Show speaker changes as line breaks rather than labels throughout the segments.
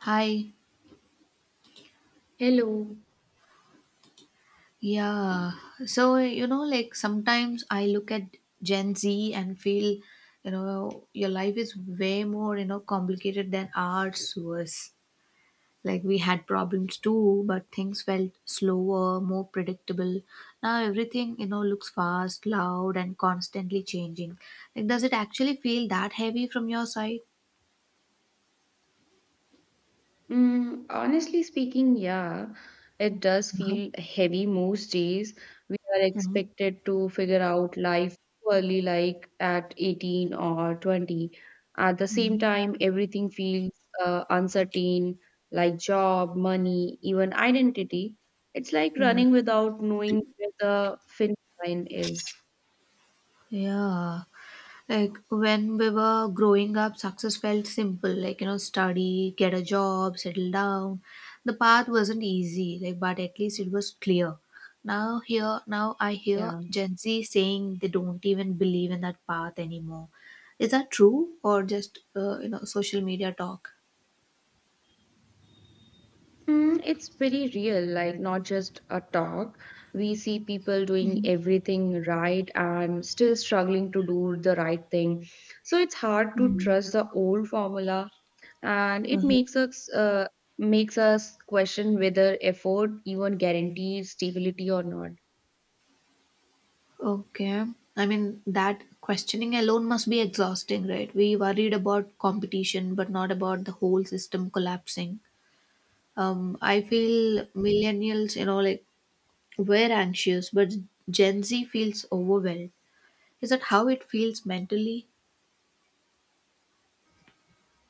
Hi.
Hello.
Yeah. So, like sometimes I look at Gen Z and feel your life is way more complicated than ours was. Like we had problems too, but things felt slower, more predictable. Now everything looks fast, loud, and constantly changing. Like, does it actually feel that heavy from your side?
Honestly speaking, yeah, it does feel heavy most days. We are
Mm-hmm.
expected to figure out life early, like at 18 or 20. At the same time, everything feels uncertain, like job, money, even identity. It's like
Mm.
running without knowing where the finish line is.
Yeah. Like when we were growing up, success felt simple, like study, get a job, settle down. The path wasn't easy, like but at least it was clear. Now here now I hear
Yeah.
Gen Z saying they don't even believe in that path anymore. Is that true or just social media talk?
It's pretty real, like not just a talk. We see people doing everything right and still struggling to do the right thing. So it's hard to
Mm.
trust the old formula, and it
Mhm.
makes us question whether effort even guarantees stability or not.
Okay. I mean, that questioning alone must be exhausting, right? We worried about competition, but not about the whole system collapsing. I feel millennials like we're anxious, but Gen Z feels overwhelmed. Is that how it feels mentally?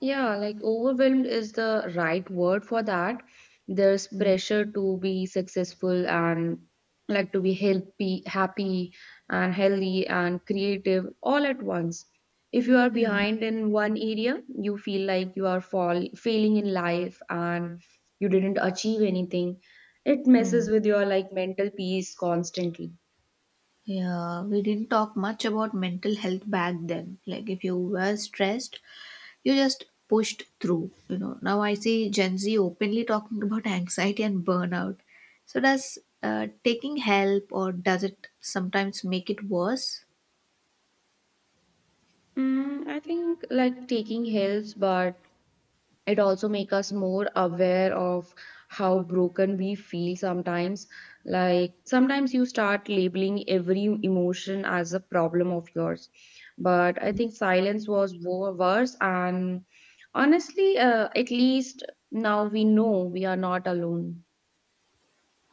Yeah, like overwhelmed is the right word for that. There's
Mm,
pressure to be successful and like to be healthy, happy and healthy and creative all at once. If you are behind in one area, you feel like you are fall failing in life and you didn't achieve anything. It messes
mm.
with your like mental peace constantly.
Yeah, we didn't talk much about mental health back then. Like, if you were stressed, you just pushed through. Now I see Gen Z openly talking about anxiety and burnout. So, does taking help or does it sometimes make it worse?
I think like taking helps, but it also make us more aware of how broken we feel sometimes, like sometimes you start labeling every emotion as a problem of yours. But I think silence was worse, and honestly, at least now we know we are not alone.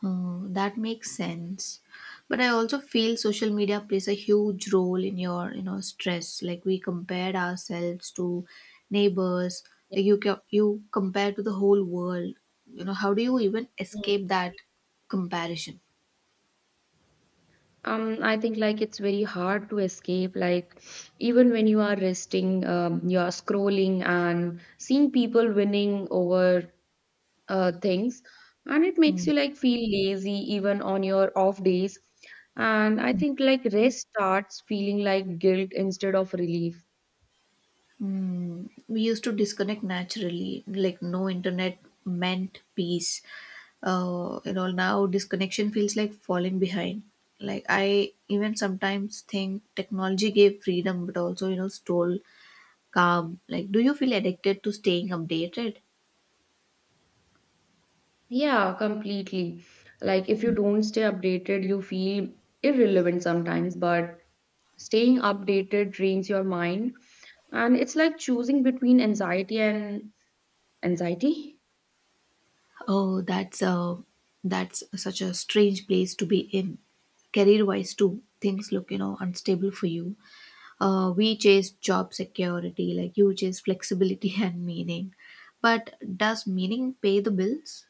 Oh, that makes sense. But I also feel social media plays a huge role in your stress. Like we compared ourselves to neighbors. Like you compare to the whole world. How do you even
Mm.
escape that comparison?
I think like it's very hard to escape. Like even when you are resting, you are scrolling and seeing people winning over things, and it makes
Hmm.
you like feel lazy even on your off days. And I think like rest starts feeling like guilt instead of relief.
We used to disconnect naturally, like no internet meant peace. Now disconnection feels like falling behind. Like I even sometimes think technology gave freedom, but also stole calm. Like, do you feel addicted to staying updated?
Yeah, completely. Like if you don't stay updated, you feel irrelevant sometimes, but staying updated drains your mind, and it's like choosing between anxiety and anxiety.
Oh, that's such a strange place to be in. Career-wise too, things look unstable for you. We chase job security, like you chase flexibility and meaning. But does meaning pay the bills?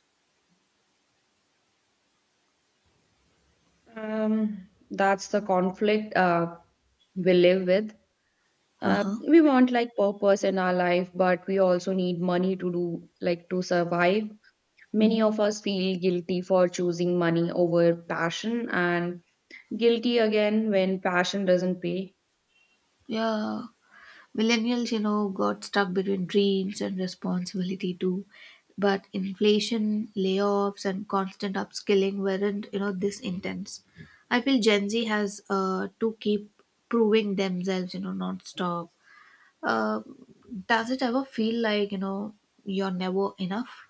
That's the conflict we live with.
Uh
uh,
huh.
we want like purpose in our life, but we also need money to do like to survive. Many of
Mm,
us feel guilty for choosing money over passion, and guilty again when passion doesn't pay.
yeah. Millennials got stuck between dreams and responsibility too. But inflation, layoffs, and constant upskilling weren't this intense. I feel Gen Z has to keep proving themselves, non-stop. Uh, does it ever feel like, you're never enough?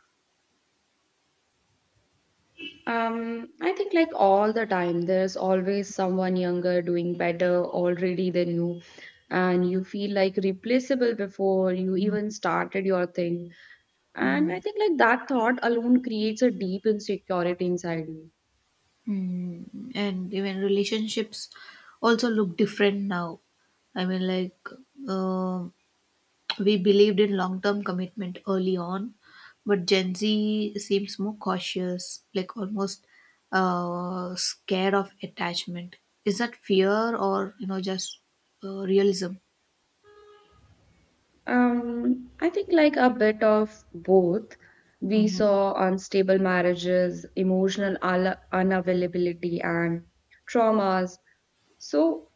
I think like all the time there's always someone younger doing better already than you, and you feel like replaceable before you even started your thing. And I think like that thought alone creates a deep insecurity inside you.
And even relationships also look different now. I mean, like, uh, we believed in long term commitment early on, but Gen Z seems more cautious, like almost scared of attachment. Is that fear or, just realism?
I think like a bit of both. We
Hmm.
saw unstable marriages, emotional unavailability, and traumas. So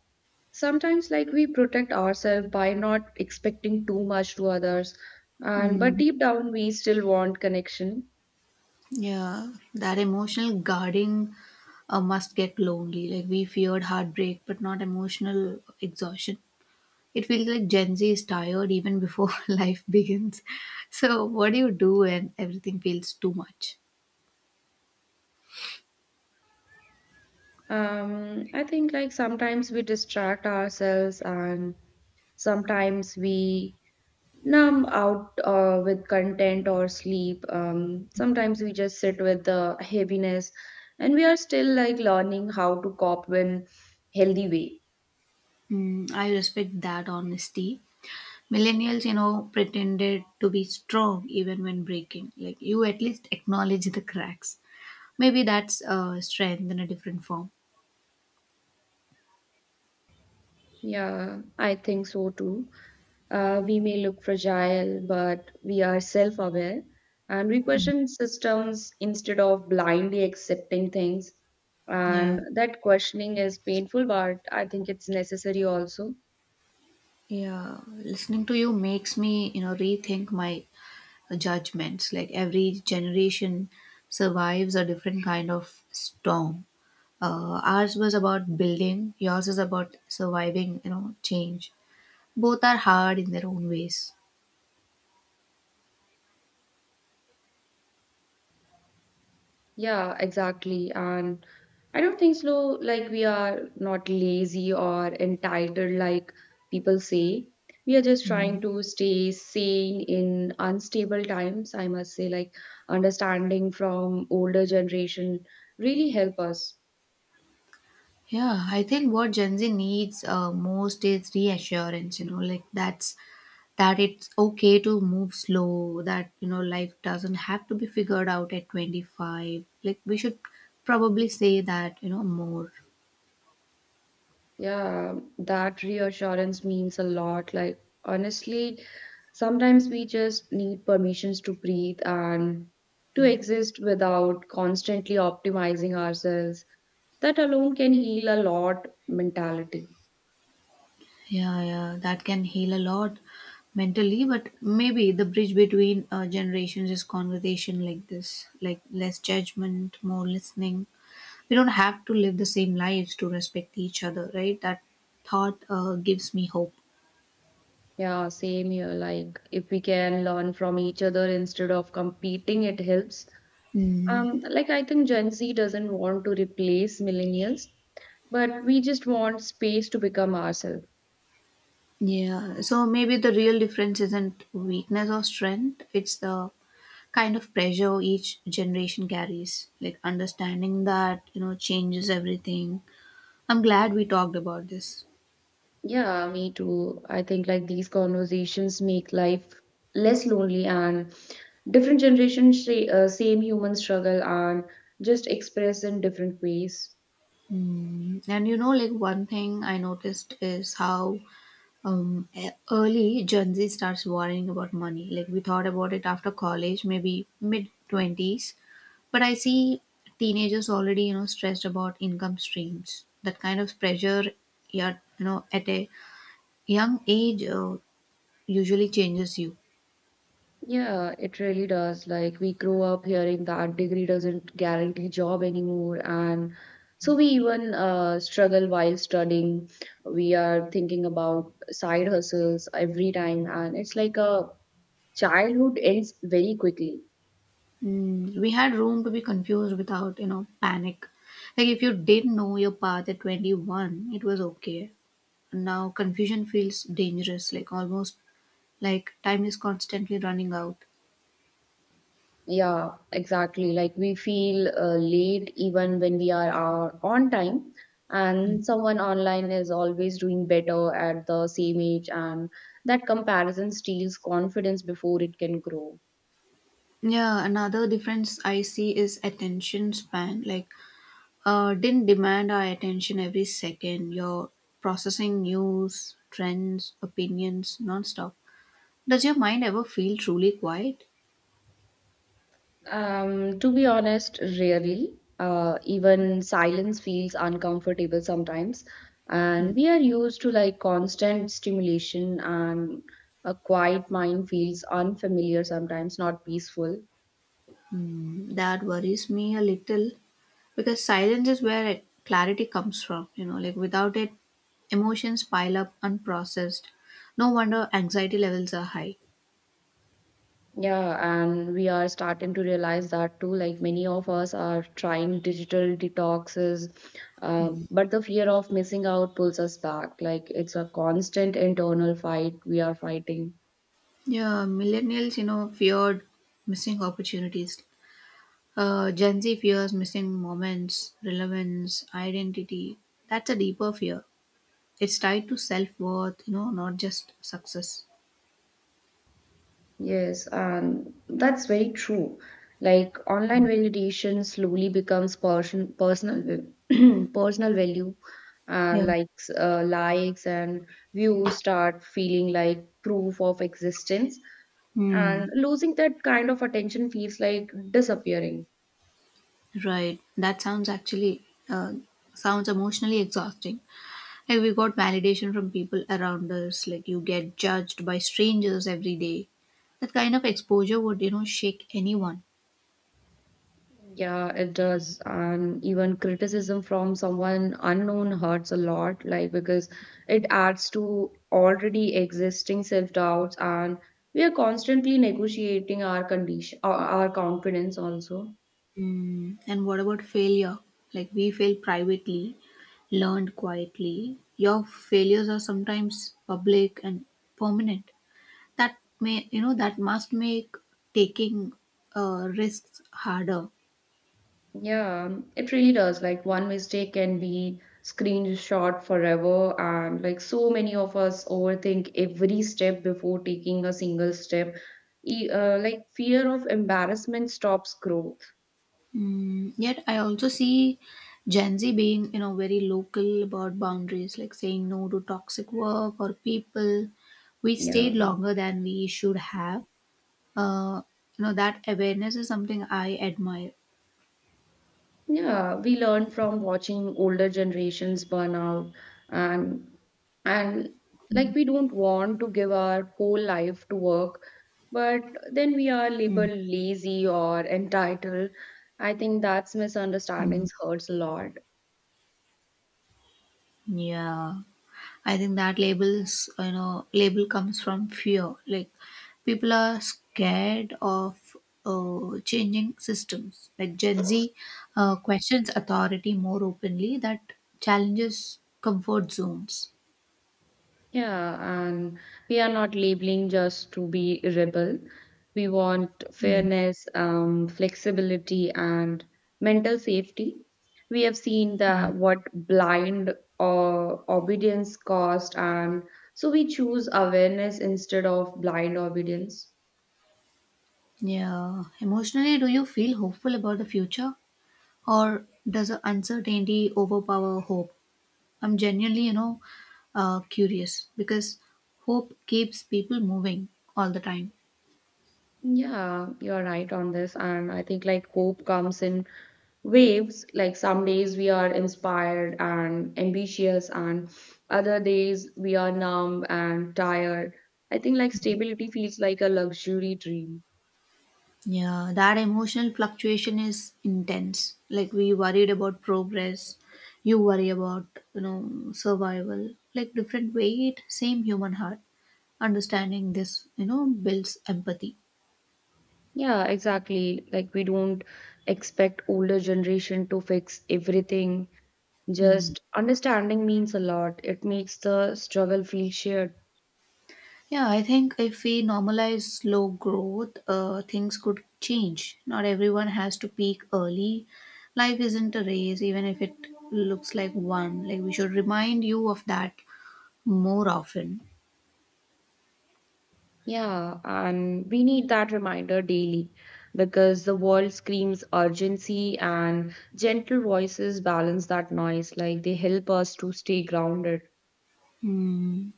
sometimes like we protect ourselves by not expecting too much to others, and but
Mm,
deep down we still want connection.
yeah, that emotional guarding must get lonely. Like we feared heartbreak, but not emotional exhaustion. It feels like Gen Z is tired even before life begins. So, what do you do when everything feels too much?
I think like sometimes we distract ourselves, and sometimes we numb out with content or sleep. Sometimes we just sit with the heaviness, and we are still like learning how to cope in healthy way.
I respect that honesty. Millennials pretended to be strong even when breaking. Like, you at least acknowledge the cracks. Maybe that's strength in a different form.
Yeah, I think so too. We may look fragile, but we are self-aware, and we question systems instead of blindly accepting things.
Yeah.
And that questioning is painful, but I think it's necessary also.
Yeah. Listening to you makes me rethink my judgments. Like every generation survives a different kind of storm. Ours was about building, yours is about surviving change. Both are hard in their own ways.
Yeah, exactly. And I don't think slow, like we are not lazy or entitled like people say. We are just
Mm.
trying to stay sane in unstable times. I must say, like understanding from older generation really help us.
Yeah, I think what Gen Z needs most is reassurance, like that it's okay to move slow, that life doesn't have to be figured out at 25. Like, we should probably say that more.
Yeah, that reassurance means a lot. Like honestly, sometimes we just need permissions to breathe and to exist without constantly optimizing ourselves. That alone can heal a lot mentality.
Yeah, yeah, that can heal a lot mentally, but maybe the bridge between generations is conversation like this, like less judgment, more listening. We don't have to live the same lives to respect each other, right? That thought gives me hope.
Yeah, same here. Like if we can learn from each other instead of competing, it helps.
Mm,
Like I think Gen Z doesn't want to replace millennials, but we just want space to become ourselves.
yeah, so maybe the real difference isn't weakness or strength, it's the kind of pressure each generation carries. Like understanding that changes everything. I'm glad we talked about this.
Yeah, me too. I think like these conversations make life less lonely, and different generations say, same human struggle, and just express in different ways.
And like one thing I noticed is how early Gen Z starts worrying about money. Like we thought about it after college, maybe mid 20s, but I see teenagers already stressed about income streams. That kind of pressure, yeah, at a young age usually changes you.
Yeah, it really does. Like we grow up hearing that degree doesn't guarantee job anymore, and so we even struggle while studying. We are thinking about side hustles every time, and it's like a childhood ends very quickly.
We had room to be confused without panic. Like if you didn't know your path at 21, it was okay. Now confusion feels dangerous, like almost like time is constantly running out.
Yeah, exactly. Like we feel late even when we are on time, and someone online is always doing better at the same age, and that comparison steals confidence before it can grow.
Yeah, another difference I see is attention span. Like, didn't demand our attention every second. You're processing news, trends, opinions nonstop. Does your mind ever feel truly quiet?
To be honest, rarely. Even silence feels uncomfortable sometimes, and we are used to like constant stimulation, and a quiet mind feels unfamiliar sometimes, not peaceful.
That worries me a little because silence is where clarity comes from, like without it emotions pile up unprocessed. No wonder anxiety levels are high.
Yeah, and we are starting to realize that too. Like many of us are trying digital detoxes, but the fear of missing out pulls us back. Like it's a constant internal fight we are fighting.
Yeah, millennials feared missing opportunities. Gen Z fears missing moments, relevance, identity. That's a deeper fear. It's tied to self-worth, not just success.
Yes, and that's very true. Like online validation slowly becomes personal personal value. Uh,
Yeah.
likes, uh, likes, and views start feeling like proof of existence. And
Hmm.
losing that kind of attention feels like disappearing.
Right. That sounds actually sounds emotionally exhausting. Like we got validation from people around us. Like you get judged by strangers every day. That kind of exposure would shake anyone.
Yeah, it does. And even criticism from someone unknown hurts a lot, like because it adds to already existing self-doubts, and we are constantly negotiating our condition, our confidence also.
Mm. And what about failure? Like we fail privately, learned quietly. Your failures are sometimes public and permanent. That may you know that must make taking risks harder.
Yeah, it really does. Like one mistake can be screenshot forever, and like so many of us overthink every step before taking a single step. Like fear of embarrassment stops growth.
Yet I also see Gen Z being very local about boundaries, like saying no to toxic work or people. We stayed
Yeah.
longer than we should have. Uh, that awareness is something I admire.
Yeah, we learn from watching older generations burn out and and like we don't want to give our whole life to work, but then we are
Mm.
labeled lazy or entitled. I think that's misunderstandings hurts a lot.
Yeah, I think that label comes from fear. Like people are scared of changing systems. Like Gen Z questions authority more openly. That challenges comfort zones.
Yeah, and we are not labeling just to be rebel. We want
Mm.
fairness, flexibility, and mental safety. We have seen
Mm.
that what blind uh, obedience cost, and so we choose awareness instead of blind obedience.
Yeah. Emotionally, do you feel hopeful about the future, or does uncertainty overpower hope? I'm genuinely curious because hope keeps people moving all the time.
Yeah, you're right on this. And I think like hope comes in waves. Like some days we are inspired and ambitious, and other days we are numb and tired. I think like stability feels like a luxury dream.
Yeah, that emotional fluctuation is intense. Like we worried about progress, you worry about you know survival. Like different weight, same human heart. Understanding this builds empathy.
Yeah, exactly. Like we don't expect older generation to fix everything. Just understanding means a lot. It makes the struggle feel shared.
Yeah, I think if we normalize slow growth, things could change. Not everyone has to peak early. Life isn't a race, even if it looks like one. Like, we should remind you of that more often.
Yeah, and we need that reminder daily because the world screams urgency, and gentle voices balance that noise, like they help us to stay grounded.
Hmm.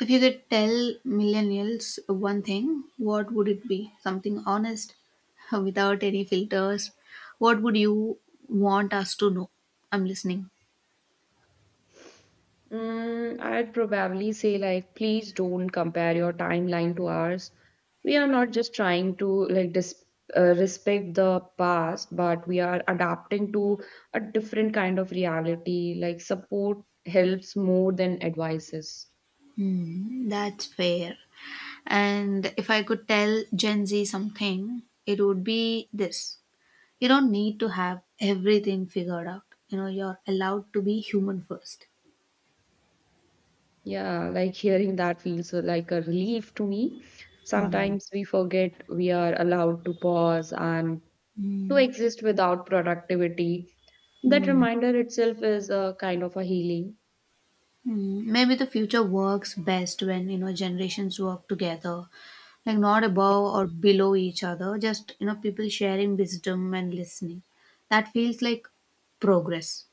If you could tell millennials one thing, what would it be? Something honest, without any filters. What would you want us to know? I'm listening.
I'd probably say, like, please don't compare your timeline to ours. We are not just trying to like dis respect the past, but we are adapting to a different kind of reality. Like, support helps more than advices.
Hmm, that's fair. And if I could tell Gen Z something, it would be this. You don't need to have everything figured out. You're allowed to be human first.
Yeah, like hearing that feels like a relief to me.
Hmm,
Sometimes we forget we are allowed to pause and to
hmm,
exist without productivity. That
hmm,
reminder itself is a kind of a healing.
hmm. Maybe the future works best when generations work together. Like not above or below each other, just people sharing wisdom and listening. That feels like progress.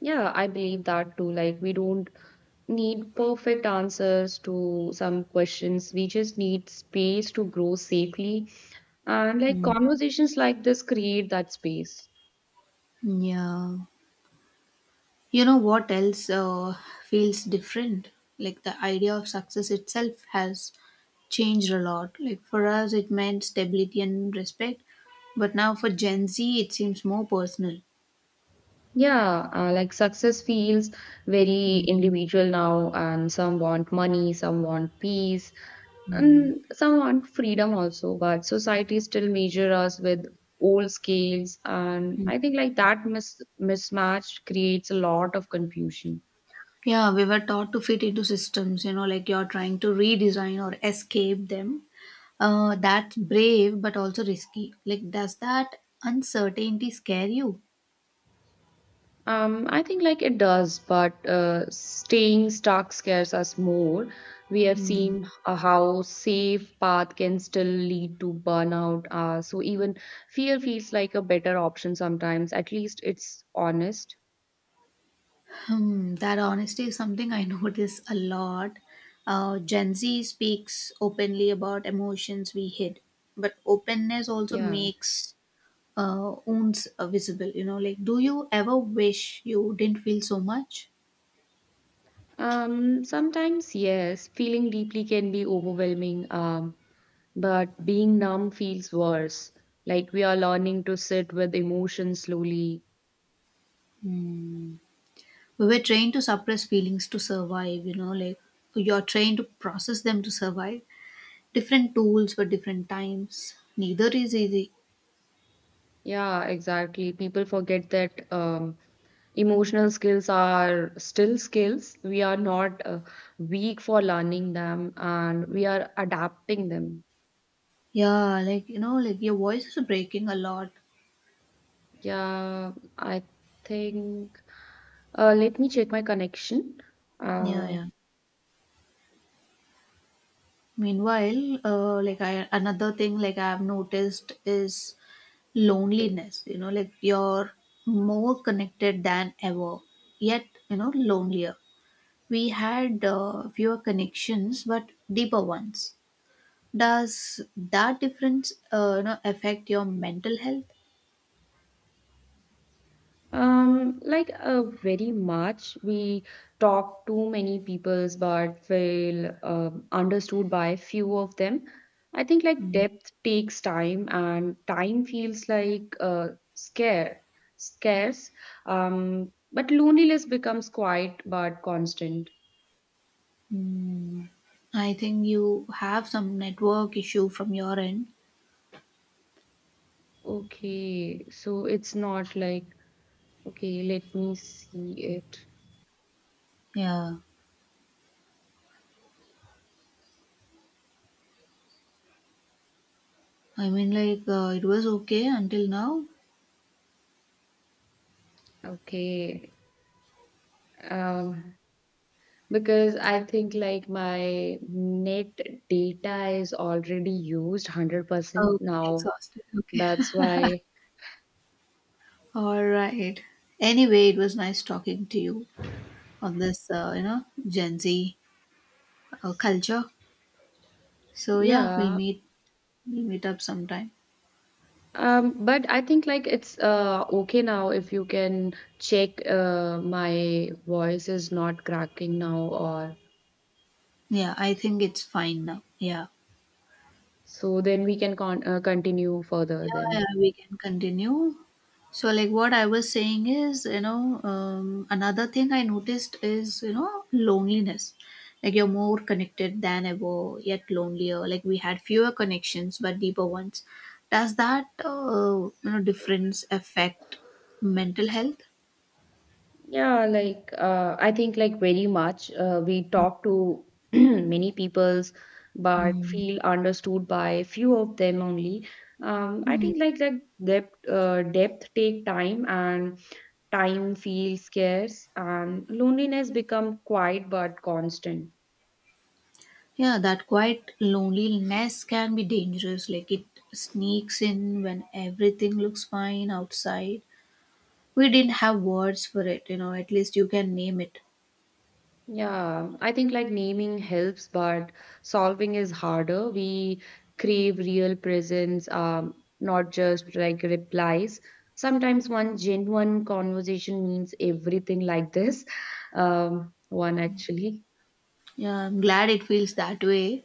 Yeah, I believe that too. Like, we don't need perfect answers to some questions. We just need space to grow safely. And like
Hmm.
conversations like this create that space.
Yeah. You know what else feels different? Like the idea of success itself has changed a lot. Like for us, it meant stability and respect, but now for Gen Z, it seems more personal.
Yeah, like success feels very
Mm.
individual now, and some want money, some want peace, and some want freedom also. But society still measure us with old scales, and I think like that mismatch creates a lot of confusion.
Yeah, we were taught to fit into systems like you're trying to redesign or escape them. That's brave, but also risky. Like, does that uncertainty scare you?
I think like it does, but staying stuck scares us more. We have
Mm.
seen how safe path can still lead to burnout. So even fear feels like a better option sometimes. At least it's honest.
Hmm, that honesty is something I notice a lot. Gen Z speaks openly about emotions we hid, but openness also
Yeah.
makes wounds visible. Like, do you ever wish you didn't feel so much?
Sometimes yes, feeling deeply can be overwhelming. But being numb feels worse. Like we are learning to sit with emotion slowly.
We were trained to suppress feelings to survive, like, you're trained to process them to survive. Different tools for different times. Neither is easy.
Yeah, exactly. People forget that. Emotional skills are still skills we are not weak for learning them, and we are adapting them.
Yeah, like, like, your voice is breaking a lot.
Yeah, I think let me check my connection.
Yeah,
uh,
yeah. Meanwhile, like I another thing like I've noticed is loneliness. You know, like you're more connected than ever, yet lonelier. We had fewer connections, but deeper ones. Does that difference affect your mental health?
Um, like uh, very much. We talk to many peoples but feel understood by few of them. I think like depth takes time and time feels like scare, scarce. But loneliness becomes quiet but constant.
Mm, I think you have some network issue from your end.
Okay, so it's not like, okay, let me see it.
Yeah, I mean, like it was okay until now.
Okay. Um, Because I think like my net data is already used 100%
Okay,
now.
exhausted. Okay.
That's why,
All right. Anyway, it was nice talking to you on this, Gen Z culture. So yeah, we'll
yeah.
meet. We'll meet up sometime.
But I think like it's okay now if you can check my voice is not cracking now, or
Yeah, I think it's fine now. Yeah.
so then we can continue further
Yeah,
then.
yeah, we can continue. So, like what I was saying is, another thing I noticed is loneliness. Like you're more connected than ever, yet lonelier. Like we had fewer connections, but deeper ones. Does that difference affect mental health?
Yeah, like I think like very much. We talk to many peoples, but feel understood by few of them only. I
Hmm.
think like depth take time, and time feels scarce, and loneliness become quiet but constant.
Yeah, that quiet loneliness can be dangerous. Like it sneaks in when everything looks fine outside. We didn't have words for it. At least you can name it.
Yeah, I think like naming helps, but solving is harder. We crave real presence, not just like replies. Sometimes one genuine conversation means everything like this. One actually.
Yeah, I'm glad it feels that way.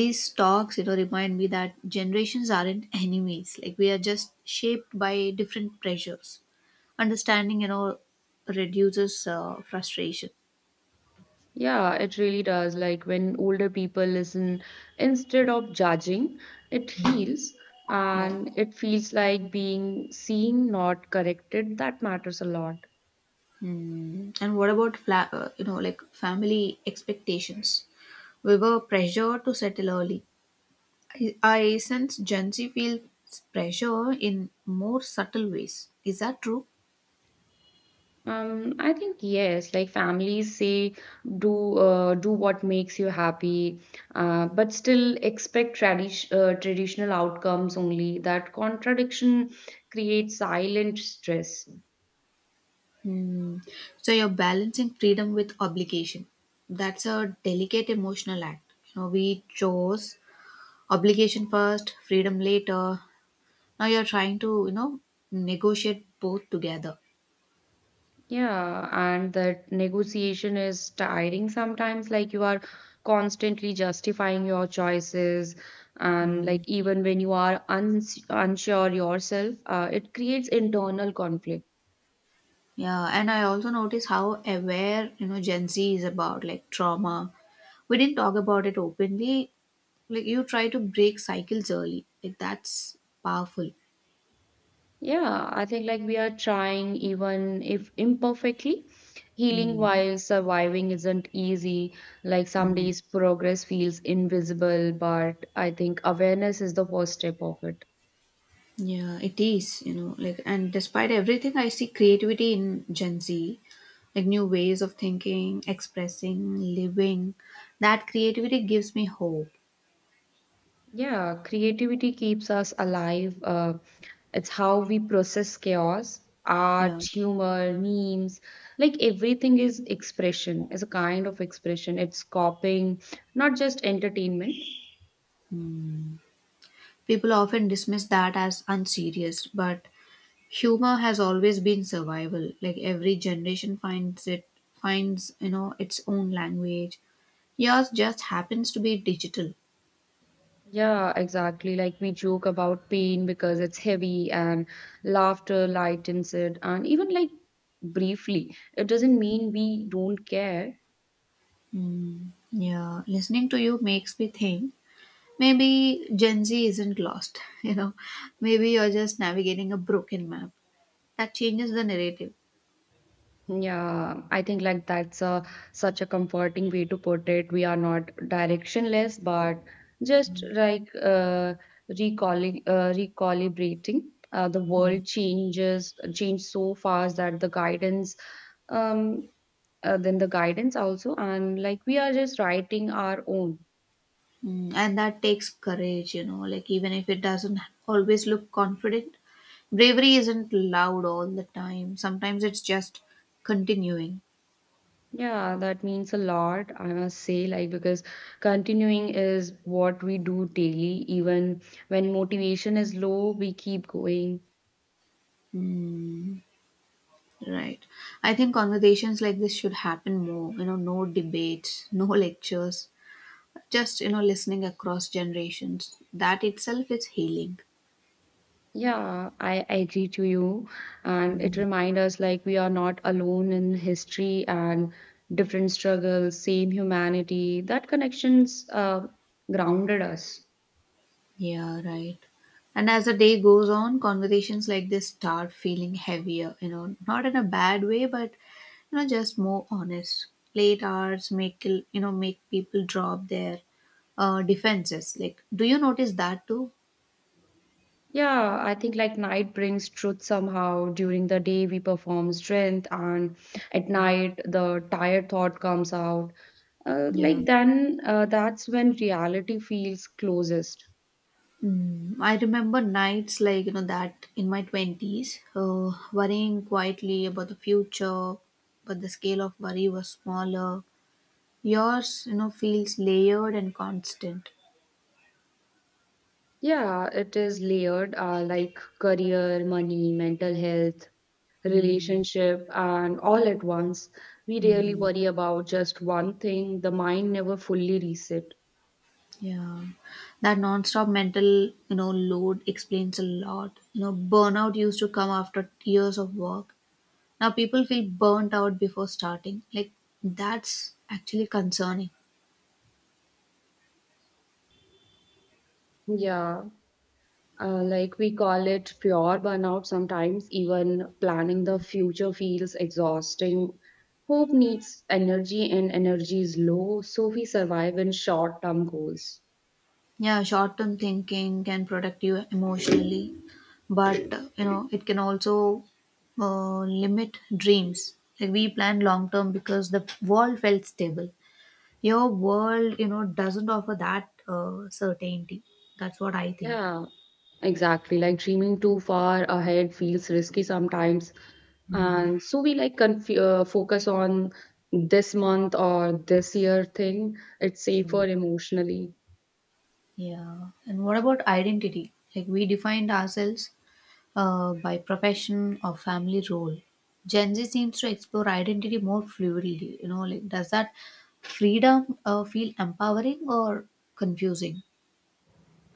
These talks remind me that generations aren't enemies. Like we are just shaped by different pressures. Understanding reduces frustration.
Yeah, it really does. Like when older people listen instead of judging, it heals
Yeah.
and it feels like being seen, not corrected. That matters a lot.
Hmm. And what about like family expectations? We were pressured to settle early. I sense Gen Z feels pressure in more subtle ways. Is that true?
I think yes, like families say, do what makes you happy, but still expect traditional outcomes only. That contradiction creates silent stress.
Hmm. So you're balancing freedom with obligation. That's a delicate emotional act. We chose obligation first, freedom later. Now you're trying to negotiate both together.
Yeah, and that negotiation is tiring sometimes, like you are constantly justifying your choices, and like even when you are unsure yourself, it creates internal conflict.
Yeah, and I also notice how aware Gen Z is about like trauma. We didn't talk about it openly. Like you try to break cycles early. Like that's powerful.
Yeah, I think like we are trying, even if imperfectly. Healing
Hmm.
while surviving isn't easy. Like some days, progress feels invisible, but I think awareness is the first step of it.
Yeah, it is like, and despite everything, I see creativity in Gen Z, like new ways of thinking, expressing, living. That creativity gives me hope.
Yeah, creativity keeps us alive. It's how we process chaos.
Yeah.
Art, humor, memes, like everything is expression, is a kind of expression. It's copying, not just entertainment.
People often dismiss that as unserious, but humor has always been survival. Like every generation finds its own language. Yours just happens to be digital.
Yeah, exactly. Like we joke about pain because it's heavy, and laughter lightens it. And even like briefly, it doesn't mean we don't care.
Mm, yeah, listening to you makes me think maybe Gen Z isn't lost, . Maybe you're just navigating a broken map. That changes the narrative.
Yeah, I think like that's a such a comforting way to put it. We are not directionless, but just like recalibrating. The world change so fast that the guidance um then the guidance also, and like we are just writing our own.
And that takes courage, like even if it doesn't always look confident. Bravery isn't loud all the time. Sometimes it's just continuing.
Yeah, that means a lot, I must say, like because continuing is what we do daily, even when motivation is low, we keep going.
Mm, right. I think conversations like this should happen more, no debates, no lectures, just, listening across generations. That itself is healing.
Yeah, I agree to you, and it
Mm.
reminds us like we are not alone in history, and different struggles, same humanity, that connections grounded us.
Yeah, right. And as the day goes on, conversations like this start feeling heavier, not in a bad way, but just more honest. Late hours make you know make people drop their defenses. Like, do you notice that too?
Yeah, I think like night brings truth somehow. During the day, we perform strength, and at night, the tired thought comes out. Uh,
Yeah.
like that's when reality feels closest.
I remember nights like that in my twenties, worrying quietly about the future, but the scale of worry was smaller. Yours feels layered and constant.
Yeah, it is layered, like career, money, mental health, relationship, and all at once. We rarely worry about just one thing. The mind never fully reset.
Yeah, that non-stop mental load explains a lot. Burnout used to come after years of work. Now people feel burnt out before starting. Like that's actually concerning.
Yeah. Like we call it pure burnout sometimes, even planning the future feels exhausting. Hope needs energy, and energy is low, so we survive in short term goals.
Yeah, short-term thinking can protect you emotionally, but it can also limit dreams. Like we plan long-term because the world felt stable. Your world doesn't offer that certainty. That's what I think.
Yeah, exactly. Like dreaming too far ahead feels risky sometimes. And so we like conf focus on this month or this year thing. It's safer emotionally.
Yeah. And what about identity? Like we defined ourselves by profession or family role. Gen Z seems to explore identity more fluidly. Like does that freedom feel empowering or confusing?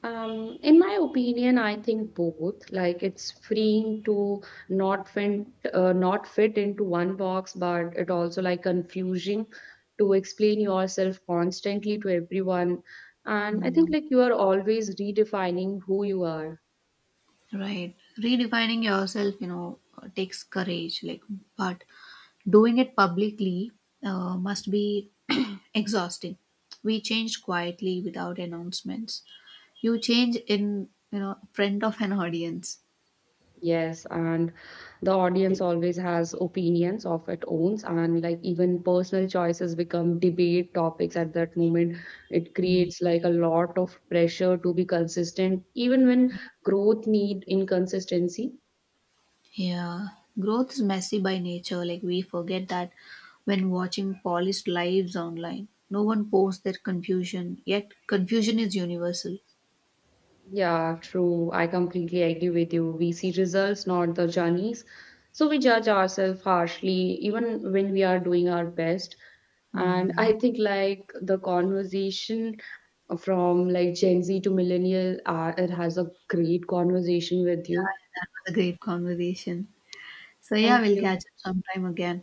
In my opinion, I think both. Like it's freeing to not fit, not fit into one box, but it also like confusing to explain yourself constantly to everyone. And I think
Mm,
like you are always redefining who you are.
right. Redefining yourself, takes courage. Like, but doing it publicly must be exhausting. We changed quietly without announcements. You change in front of an audience.
Yes, and the audience always has opinions of its own, and like even personal choices become debate topics at that moment. It creates like a lot of pressure to be consistent, even when growth need inconsistency.
Yeah, growth is messy by nature. Like, we forget that when watching polished lives online. No one posts their confusion, yet, confusion is universal.
Yeah, true. I completely agree with you. We see results, not the journeys. So we judge ourselves harshly, even when we are doing our best. And
Hmm,
I think like the conversation from like Gen Z to millennial. It has a great conversation with you.
that was a great conversation. So yeah,
Thank
we'll
you.
catch up sometime again.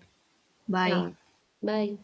Bye.
Yeah. Bye.